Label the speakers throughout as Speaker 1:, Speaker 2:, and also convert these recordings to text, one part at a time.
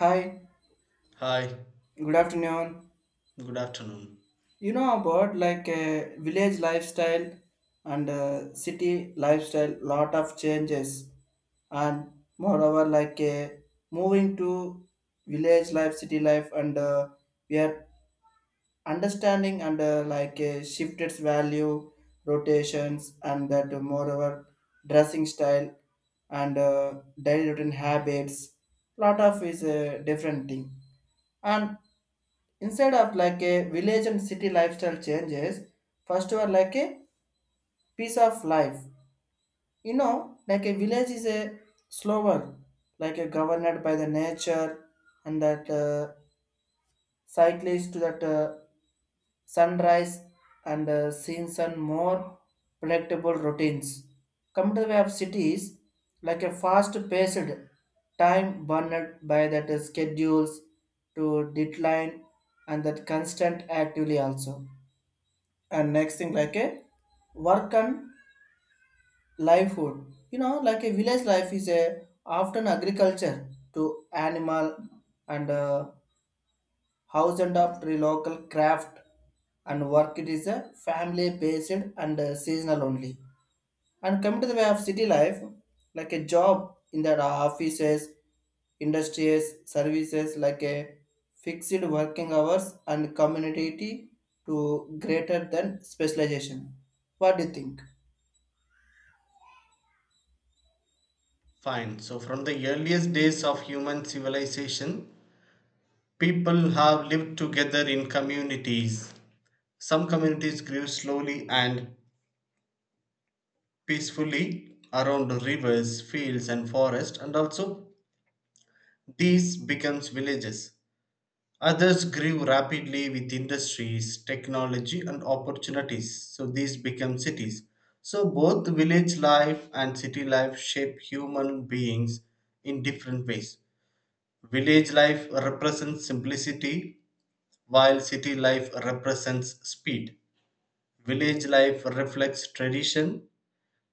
Speaker 1: Hi,
Speaker 2: Hi,
Speaker 1: good afternoon.
Speaker 2: good afternoon.
Speaker 1: You know about like village lifestyle and city lifestyle, lot of changes, and moreover like moving to village life, city life, and we are understanding and like shifted value, rotations, and that moreover dressing style and daily routine habits, lot of is a different thing and instead of like a village and city lifestyle changes first were like a piece of life, you know, like a village is a slower, like a governed by the nature and that cyclist to that sunrise and scenes and more predictable routines, come to the way of cities like a fast paced time burned by that schedules to deadline and that constant actively also. And next thing like a work and livelihood, you know, like a village life is a often agriculture to animal and house and up to local craft, and work it is a family based and seasonal only. And come to the way of city life, like a job in the offices, industries, services, like a fixed working hours and community to greater than specialization. What do you think?
Speaker 2: Fine. So, from the earliest days of human civilization, people have lived together in communities. Some communities grew slowly and peacefully around rivers, fields, and forests, and also these becomes villages. Others grew rapidly with industries, technology, and opportunities. So, these become cities. So, both village life and city life shape human beings in different ways. Village life represents simplicity, while city life represents speed. Village life reflects tradition,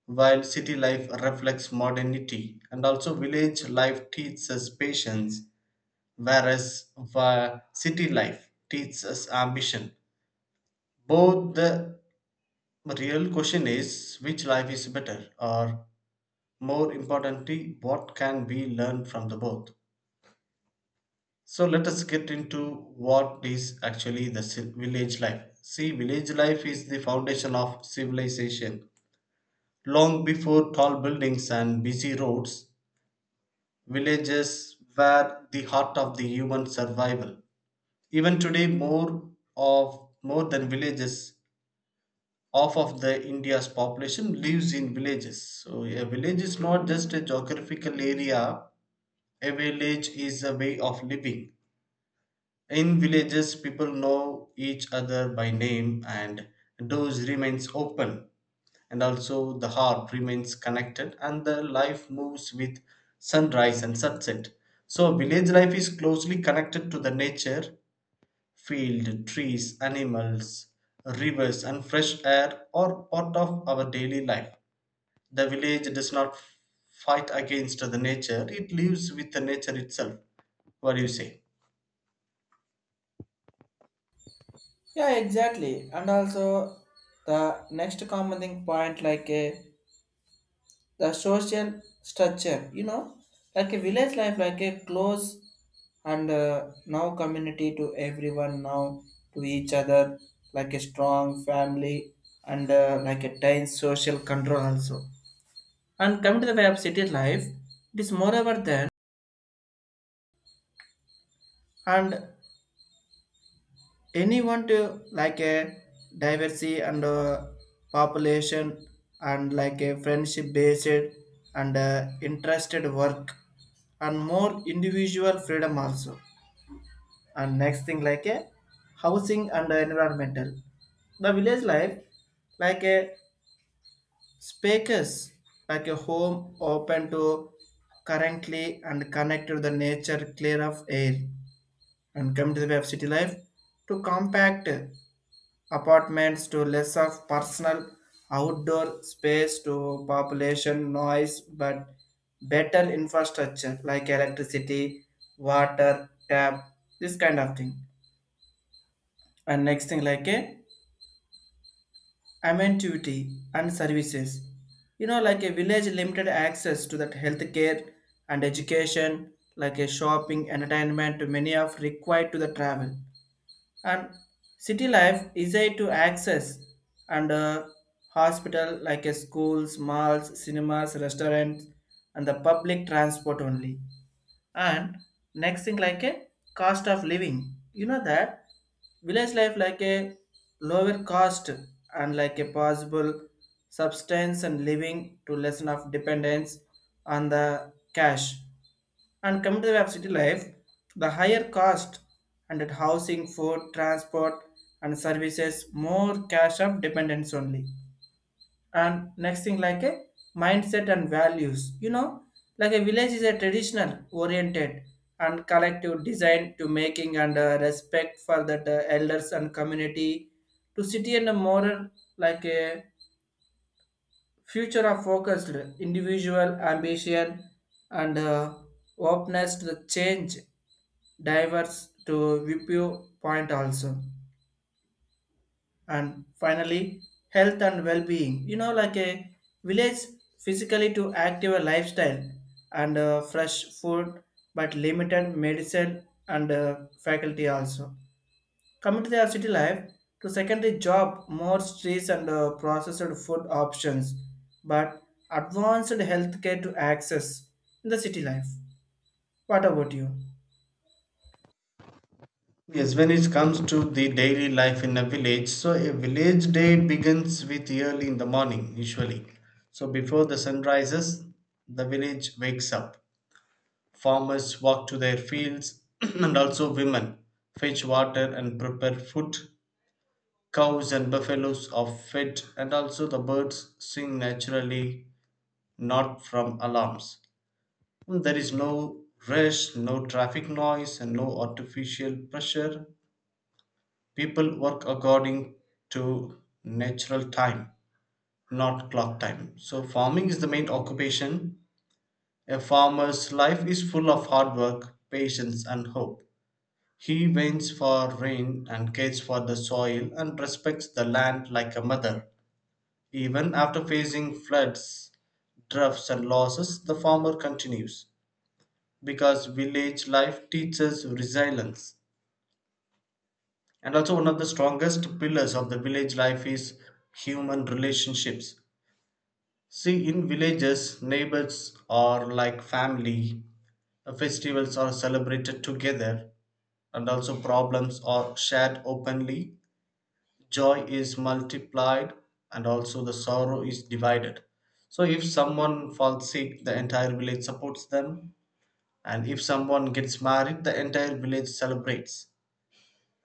Speaker 2: while city life reflects modernity. And also, village life teaches us patience, whereas city life teaches us ambition. Both the real question is, which life is better, or more importantly, what can we learn from the both? So let us get into what is actually the village life. See, village life is the foundation of civilization. Long before tall buildings and busy roads, villages were the heart of the human survival. Even today, more than villages, half of the India's population lives in villages. So a village is not just a geographical area. A village is a way of living. In villages, people know each other by name, and doors remains open, and also the heart remains connected, and the life moves with sunrise and sunset. So, village life is closely connected to the nature. Field, trees, animals, rivers, and fresh air are part of our daily life. The village does not fight against the nature; it lives with the nature itself. What do you say?
Speaker 1: Yeah, exactly. And also the next common thing point like a the social structure, you know, like a village life, like a close and now community to everyone now to each other, like a strong family and like a tight social control also. And coming to the way of city life, it is moreover than and anyone to like a diversity and population and like a friendship based and interested work and more individual freedom also. And next thing like a housing and environmental, the village life like a speakers, like a home open to currently and connect to the nature clear of air, and come to the web city life to compact apartments to less of personal outdoor space to population noise but better infrastructure like electricity, water tap, this kind of thing. And next thing like a amenity and services, you know, like a village limited access to that healthcare and education, like a shopping entertainment many of required to the travel, and city life is a to access and hospital like a schools, malls, cinemas, restaurants and the public transport only. And next thing like a cost of living, you know, that village life like a lower cost and like a possible substance and living to lessen of dependence on the cash, and come to the way of city life, the higher cost and at housing, food, transport and services more cash of dependence only. And next thing like a mindset and values, you know, like a village is a traditional oriented and collective design to making and respect for the elders and community, to city and a moral like a future of focused individual ambition and openness to the change, diverse to viewpoint also. And finally, health and well-being, you know, like a village physically to active a lifestyle and fresh food but limited medicine and faculty also. Coming to the city life, to secondary job more streets and processed food options but advanced healthcare to access in the city life. What about you?
Speaker 2: Yes, when it comes to the daily life in a village, so a village day begins with early in the morning, usually. So before the sun rises, the village wakes up. Farmers walk to their fields, and also women fetch water and prepare food. Cows and buffaloes are fed, and also the birds sing naturally, not from alarms. There is no rush, no traffic noise, and no artificial pressure. People work according to natural time, not clock time. So farming is the main occupation. A farmer's life is full of hard work, patience, and hope. He waits for rain and cares for the soil and respects the land like a mother. Even after facing floods, droughts, and losses, the farmer continues, because village life teaches resilience. And also, one of the strongest pillars of the village life is human relationships. See, in villages, neighbors are like family. Festivals are celebrated together, and also problems are shared openly. Joy is multiplied, and also the sorrow is divided. So, if someone falls sick, the entire village supports them, and if someone gets married, the entire village celebrates,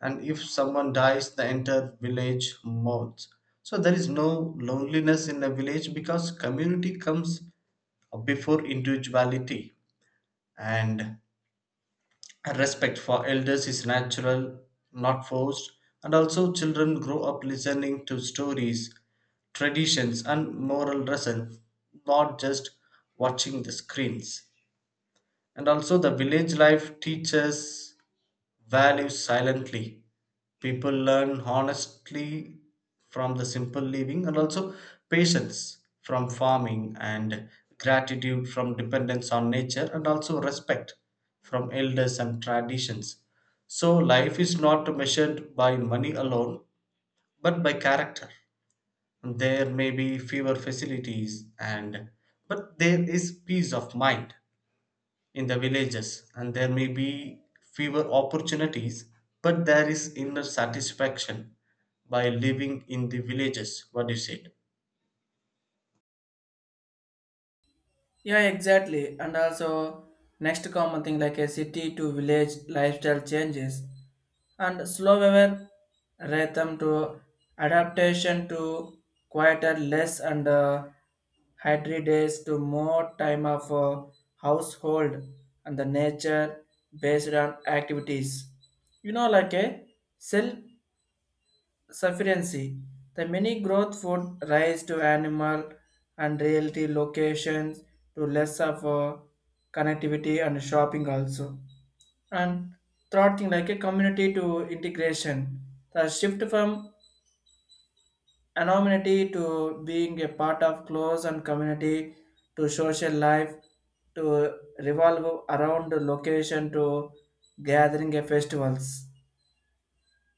Speaker 2: and if someone dies, the entire village mourns. So there is no loneliness in a village, because community comes before individuality. And respect for elders is natural, not forced. And also children grow up listening to stories, traditions, and moral lessons, not just watching the screens. And also the village life teaches values silently. People learn honestly from the simple living, and also patience from farming, and gratitude from dependence on nature, and also respect from elders and traditions. So life is not measured by money alone, but by character. There may be fewer facilities, and but there is peace of mind in the villages, and there may be fewer opportunities, but there is inner satisfaction by living in the villages. What do you said?
Speaker 1: Yeah, exactly. And also, next common thing like a city to village lifestyle changes and slow weather rhythm to adaptation to quieter, less and hydry days to more time of household and the nature based on activities. You know, like a self sufficiency. The many growth would rise to animal and realty locations to less of a connectivity and shopping also. And thwarting like a community to integration. The shift from anonymity to being a part of close and community to social life to revolve around the location to gathering a festivals,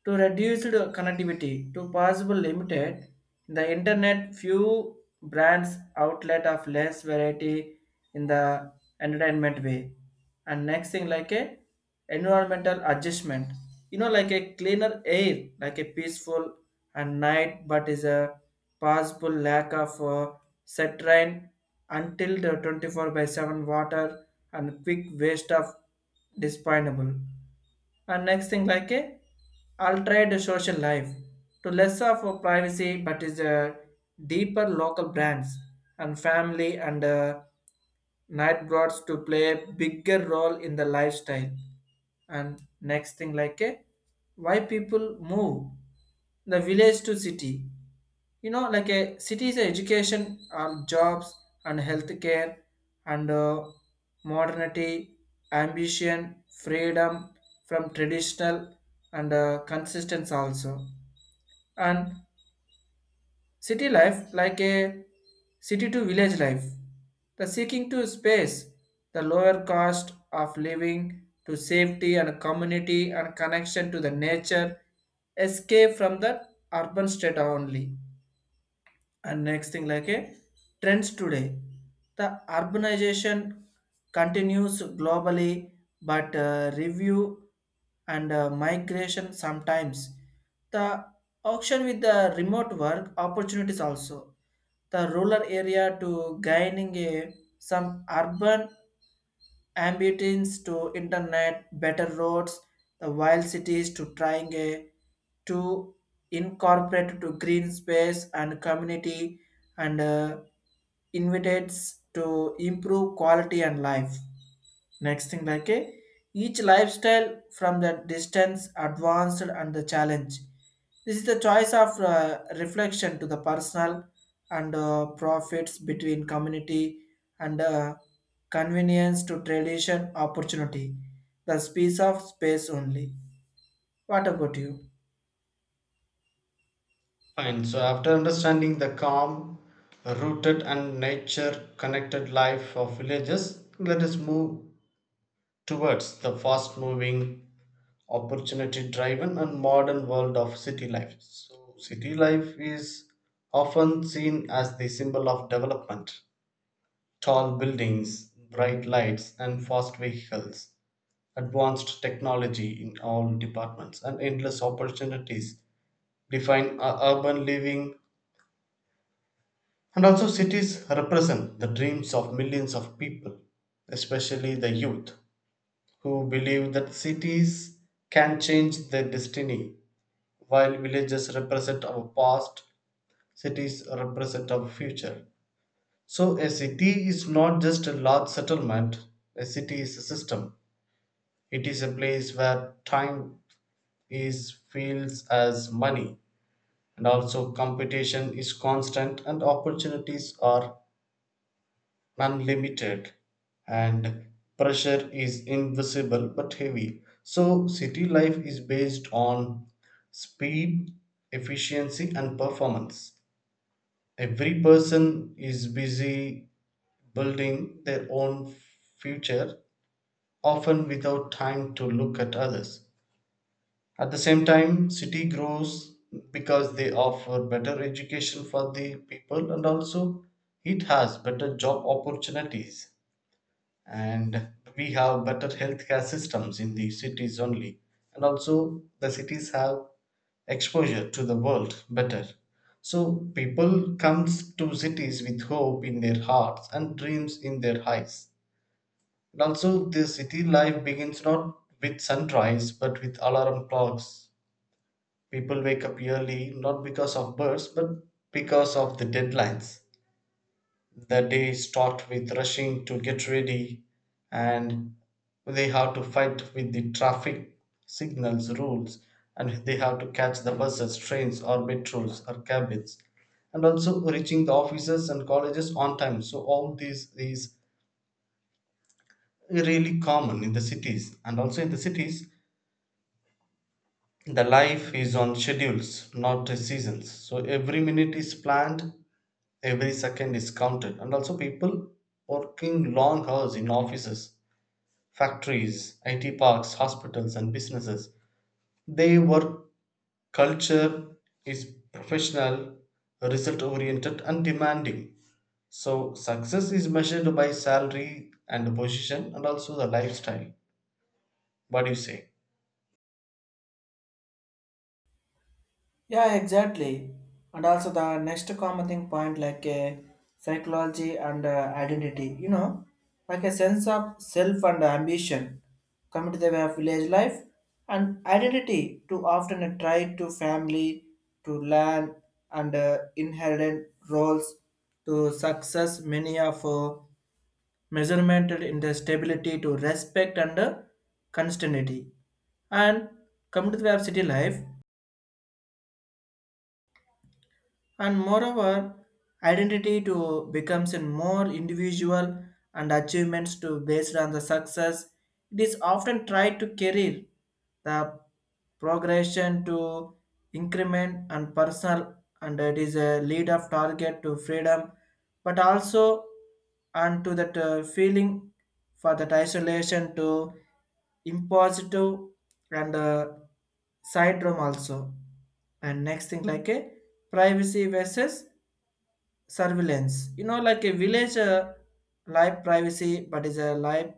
Speaker 1: to reduced connectivity to possible limited the internet, few brands outlet of less variety in the entertainment way. And next thing like a environmental adjustment, you know, like a cleaner air, like a peaceful and night but is a possible lack of set rain until the 24/7 water and quick waste of disponible. And next thing like a altered social life, to less of a privacy but is a deeper local brands and family and night brought to play a bigger role in the lifestyle. And next thing like a why people move the village to city, you know, like a city is a education or jobs and healthcare and modernity, ambition, freedom from traditional and consistence also. And city life, like a city to village life, the seeking to space, the lower cost of living to safety and community and connection to the nature, escape from the urban state only. And next thing, like a trends today, the urbanization continues globally, but review and migration sometimes the auction with the remote work opportunities also, the rural area to gaining a, some urban ambience to internet, better roads, the wild cities to trying a, to incorporate to green space and community and invitates to improve quality and life. Next thing like a each lifestyle from the distance advanced and the challenge. This is the choice of reflection to the personal and profits between community and convenience to tradition opportunity. The space of space only. What about you?
Speaker 2: Fine. So after understanding the calm, rooted, and nature connected life of villages, let us move towards the fast moving, opportunity driven, and modern world of city life. So city life is often seen as the symbol of development. Tall buildings, bright lights, and fast vehicles, advanced technology in all departments, and endless opportunities define urban living. And also, cities represent the dreams of millions of people, especially the youth, who believe that cities can change their destiny. While villages represent our past, cities represent our future. So, a city is not just a large settlement, a city is a system. It is a place where time is feels as money, and also competition is constant, and opportunities are unlimited, and pressure is invisible but heavy. So city life is based on speed, efficiency, and performance. Every person is busy building their own future, often without time to look at others. At the same time, city grows because they offer better education for the people, and also it has better job opportunities, and we have better healthcare systems in the cities only, and also the cities have exposure to the world better. So people comes to cities with hope in their hearts and dreams in their eyes. And also the city life begins not with sunrise but with alarm clocks. People wake up early not because of birds but because of the deadlines. The day is stocked with rushing to get ready, and they have to fight with the traffic signals rules, and they have to catch the buses, trains, or metros or cabins, and also reaching the offices and colleges on time. So all these is really common in the cities, and also in the cities the life is on schedules, not seasons. So every minute is planned, every second is counted, and also people working long hours in offices, factories, it parks, hospitals, and businesses. Their work culture is professional, result oriented, and demanding. So success is measured by salary and the position and also the lifestyle. What do you say?
Speaker 1: Yeah, exactly. And also the next common thing point like psychology and identity, you know, like a sense of self and ambition come to the way of village life and identity to often a tie to family, to land and inherent roles to success many of measuremented in the stability to respect and constancy. And come to the way of city life, and moreover identity to becomes in more individual and achievements to based on the success, it is often tried to career, the progression to increment and personal, and it is a lead of target to freedom but also and to that feeling for that isolation to impositive and syndrome also. And next thing like a privacy versus surveillance, you know, like a village life privacy but is a life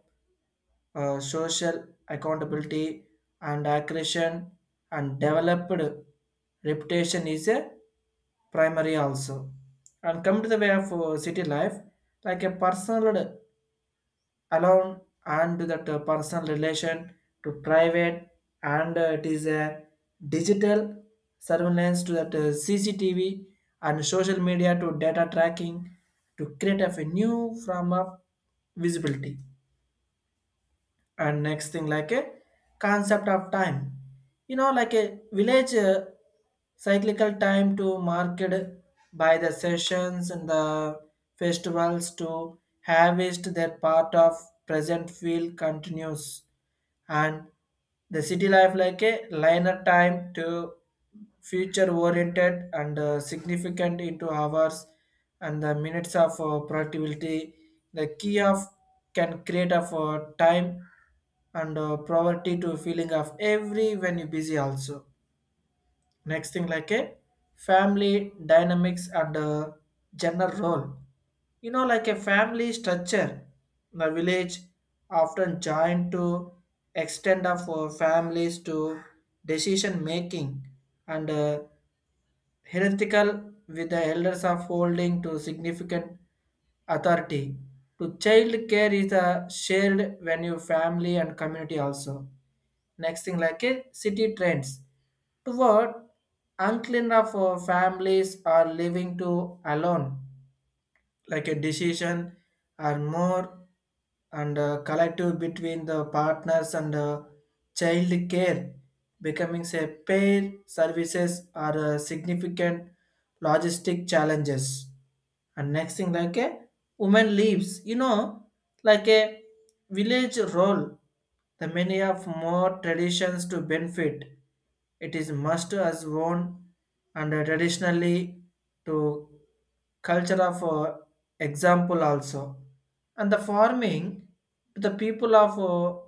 Speaker 1: social accountability and accretion and developed reputation is a primary also. And come to the way of city life like a personal, alone, and that personal relation to private and it is a digital surveillance to that CCTV and social media to data tracking to create a new form of visibility. And next thing like a concept of time, you know, like a village cyclical time to market by the sessions and the festivals to harvest their part of present field continues, and the city life like a liner time to future oriented and significant into hours and the minutes of productivity, the key of can create of time and poverty to feeling of every when you busy also. Next thing like a family dynamics and gender role, you know, like a family structure, the village often joined to extend of families to decision making and hierarchical with the elders of holding to significant authority. To child care is a shared venue, family and community also. Next thing like a city trends toward unclean of families are living to alone, like a decision or more and collective between the partners and child care becoming a pair services are significant logistic challenges. And next thing like a woman leaves, you know, like a village role, the many of more traditions to benefit, it is must as worn and traditionally to culture of example also, and the farming to the people of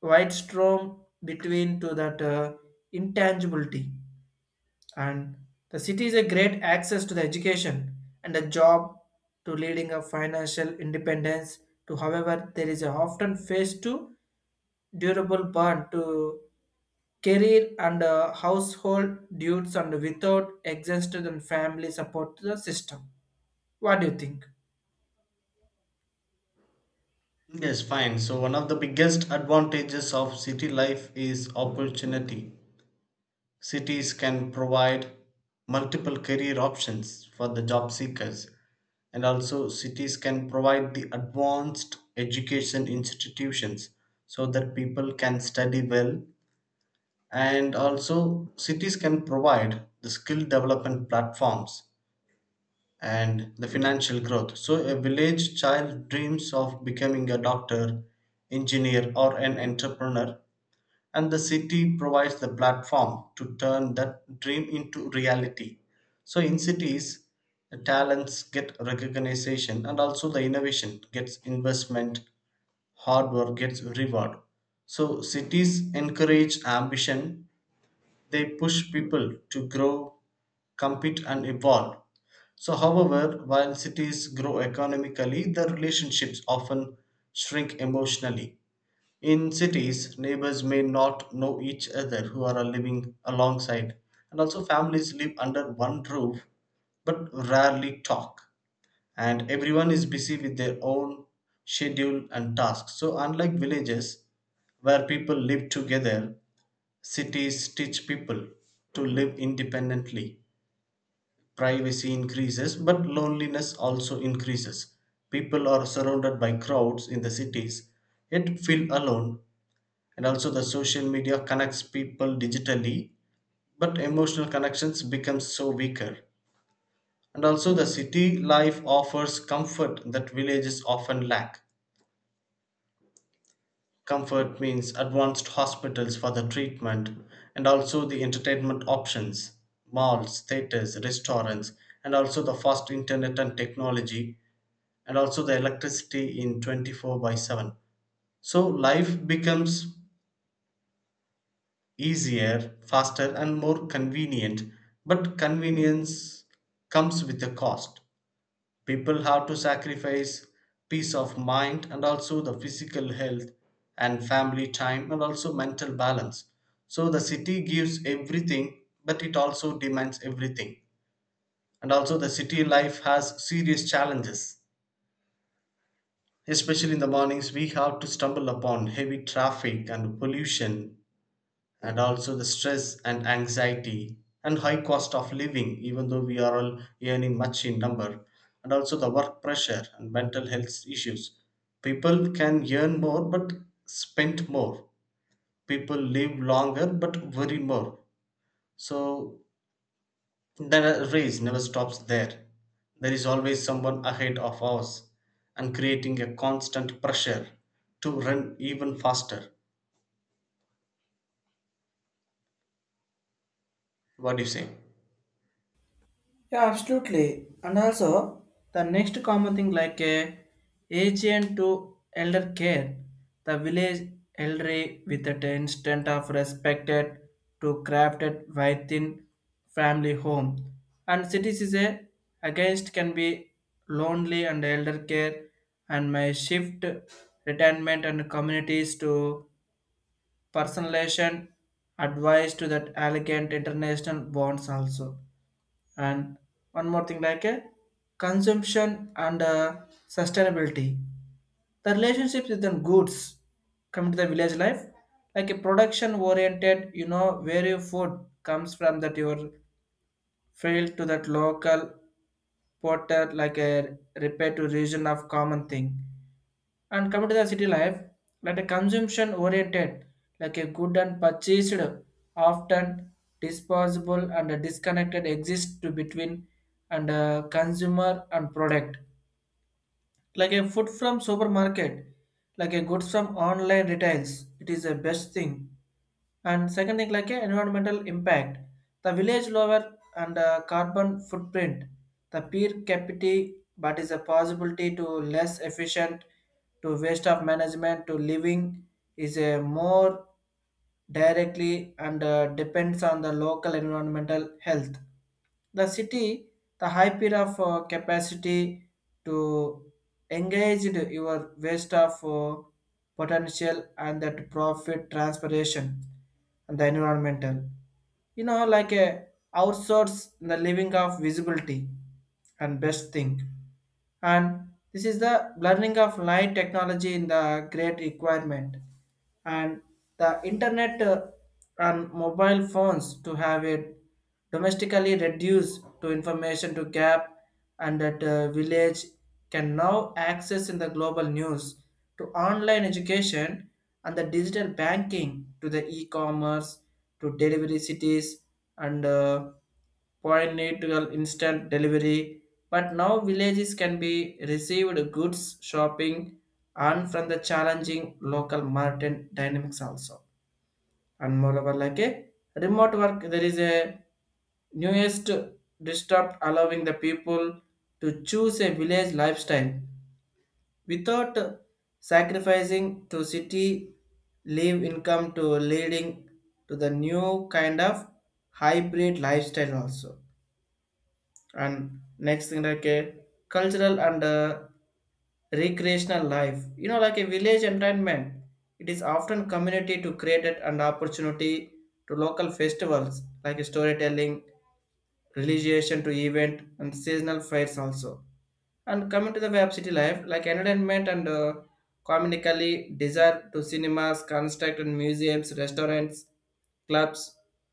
Speaker 1: white storm between to that intangibility, and the city is a great access to the education and a job to leading a financial independence to however there is a often face to durable burn to career and household duties and without exhausted and family support to the system. What do you think?
Speaker 2: Yes, fine. So one of the biggest advantages of city life is opportunity. Cities can provide multiple career options for the job seekers, and also cities can provide the advanced education institutions so that people can study well, and also cities can provide the skill development platforms and the financial growth. So, a village child dreams of becoming a doctor, engineer, or an entrepreneur, and the city provides the platform to turn that dream into reality. So in cities the talents get recognition, and also the innovation gets investment, hard work gets reward. So cities encourage ambition. They push people to grow, compete, and evolve. So however, while cities grow economically, the relationships often shrink emotionally. In cities, neighbors may not know each other who are living alongside, and also families live under one roof but rarely talk, and everyone is busy with their own schedule and tasks. So, unlike villages where people live together, cities teach people to live independently. Privacy increases, but loneliness also increases. People are surrounded by crowds in the cities, yet feel alone, and also the social media connects people digitally, but emotional connections become so weaker. And also the city life offers comfort that villages often lack. Comfort means advanced hospitals for the treatment, and also the entertainment options, malls, theaters, restaurants, and also the fast internet and technology, and also the electricity in 24/7. So life becomes easier, faster, and more convenient. But convenience comes with a cost. People have to sacrifice peace of mind, and also the physical health and family time, and also mental balance. So the city gives everything, but it also demands everything. And also, the city life has serious challenges. Especially in the mornings, we have to stumble upon heavy traffic and pollution, and also the stress and anxiety, and high cost of living even though we are all earning much in number, and also the work pressure and mental health issues. People can earn more but spend more. People live longer but worry more. So the race never stops there. There is always someone ahead of us, and creating a constant pressure to run even faster. What do you say?
Speaker 1: Yeah, absolutely. And also, the next common thing like a agent to elder care, the village elderly with an instant of respected to crafted within family home. And cities is a against can be lonely and elder care and my shift retirement and communities to personalization advice to that elegant international bonds also. And one more thing like a consumption and sustainability, the relationship with the goods come to the village life like a production oriented, you know, where your food comes from that your field to that local porter like a repair to region of common thing. And coming to the city life, like a consumption oriented, like a good and purchased, often disposable and disconnected exist to between and consumer and product, like a food from supermarket, like a goods from online retails, it is the best thing. And second thing like a environmental impact, the village lower and carbon footprint the per capita but is a possibility to less efficient to waste of management to living is a more directly and depends on the local environmental health, the city, the high peer of capacity to engage your waste of potential and that profit transpiration, and the environmental, you know, like a outsource the living of visibility and best thing. And this is the blurring of light technology in the great requirement, and the internet and mobile phones to have it domestically reduced to information to gap, and that village can now access in the global news to online education and the digital banking to the e-commerce to delivery cities and pointical instant delivery, but now villages can be received goods shopping and from the challenging local market dynamics also. And moreover, like a remote work, there is a newest disrupt allowing the people to choose a village lifestyle without sacrificing to city live income to leading to the new kind of hybrid lifestyle also. And next thing like a cultural and recreational life, you know, like a village entertainment, it is often community to create it and opportunity to local festivals like a storytelling, religion to event and seasonal fairs also. And coming to the web city life like entertainment and communically desire to cinemas, construct and museums, restaurants, clubs,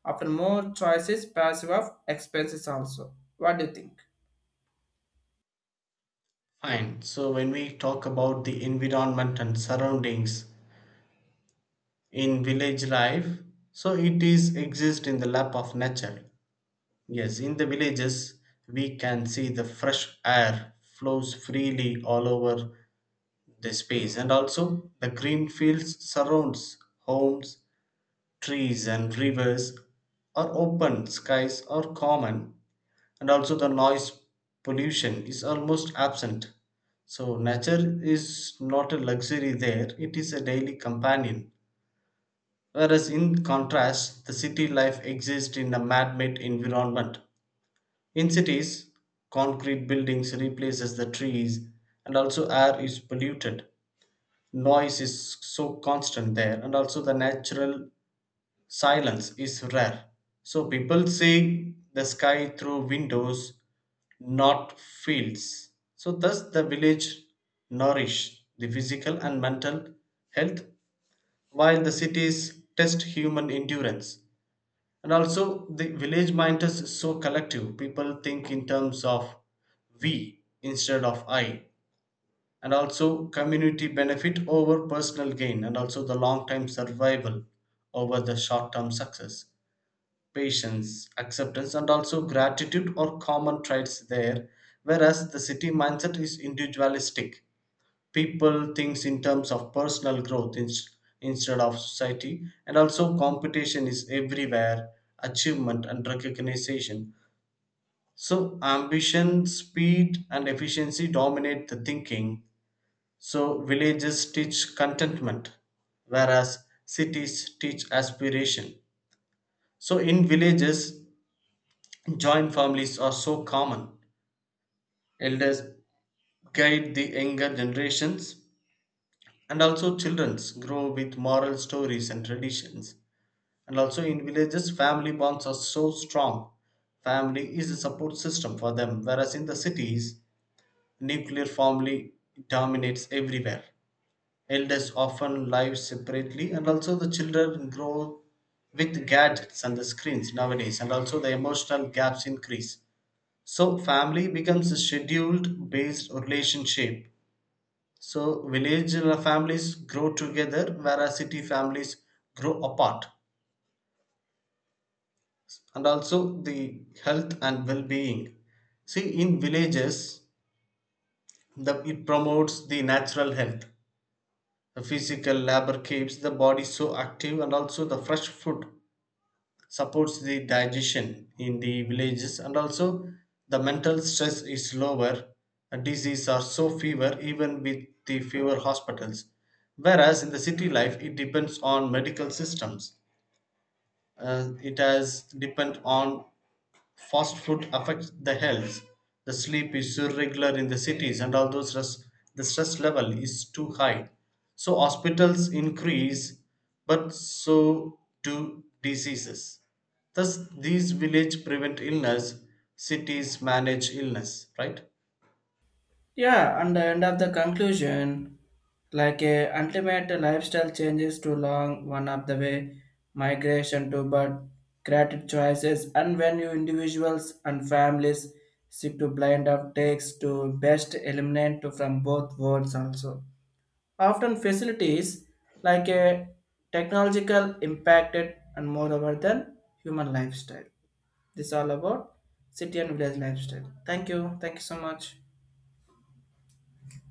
Speaker 1: often more choices passive of expenses also. What do you think?
Speaker 2: Fine. So when we talk about the environment and surroundings in village life, so it is exist in the lap of nature. Yes, in the villages we can see the fresh air flows freely all over the space, and also the green fields surrounds homes, trees and rivers or open skies are common, and also the noise pollution is almost absent. So nature is not a luxury there, it is a daily companion. Whereas in contrast, the city life exists in a man-made environment. In cities, concrete buildings replaces the trees, and also air is polluted, noise is so constant there, and also the natural silence is rare. So people see the sky through windows, not fields. So thus the village nourish the physical and mental health, while the cities test human endurance. And also the village mind is so collective. People think in terms of we instead of I. And also community benefit over personal gain, and also the long term survival over the short term success. Patience, acceptance, and also gratitude are common traits there, whereas the city mindset is individualistic. People thinks in terms of personal growth instead of society, and also competition is everywhere, achievement and recognition. So, ambition, speed, and efficiency dominate the thinking. So, villages teach contentment, whereas cities teach aspiration. So, in villages, joint families are so common. Elders guide the younger generations, and also children grow with moral stories and traditions. And also in villages, family bonds are so strong. Family is a support system for them, whereas in the cities, nuclear family dominates everywhere. Elders often live separately, and also the children grow with gadgets and the screens nowadays, and also the emotional gaps increase. So family becomes a scheduled based relationship. So village families grow together, whereas city families grow apart. And also the health and well-being. See, in villages, it promotes the natural health. The physical labor keeps the body so active, and also the fresh food supports the digestion in the villages, and also the mental stress is lower, and disease are so fewer even with the fewer hospitals. Whereas in the city life, it depends on medical systems. It has depend on fast food affects the health. The sleep is irregular in the cities, and although stress, the stress level is too high. So hospitals increase, but so do diseases. Thus, these village prevent illness, cities manage illness, right?
Speaker 1: Yeah, and the end of the conclusion, like a ultimate lifestyle changes to long one of the way migration to but creative choices and when you individuals and families seek to blind up takes to best eliminate to from both worlds also. Often facilities like a technological impacted and moreover than human lifestyle. This all about city and village lifestyle. Thank you. Thank you so much.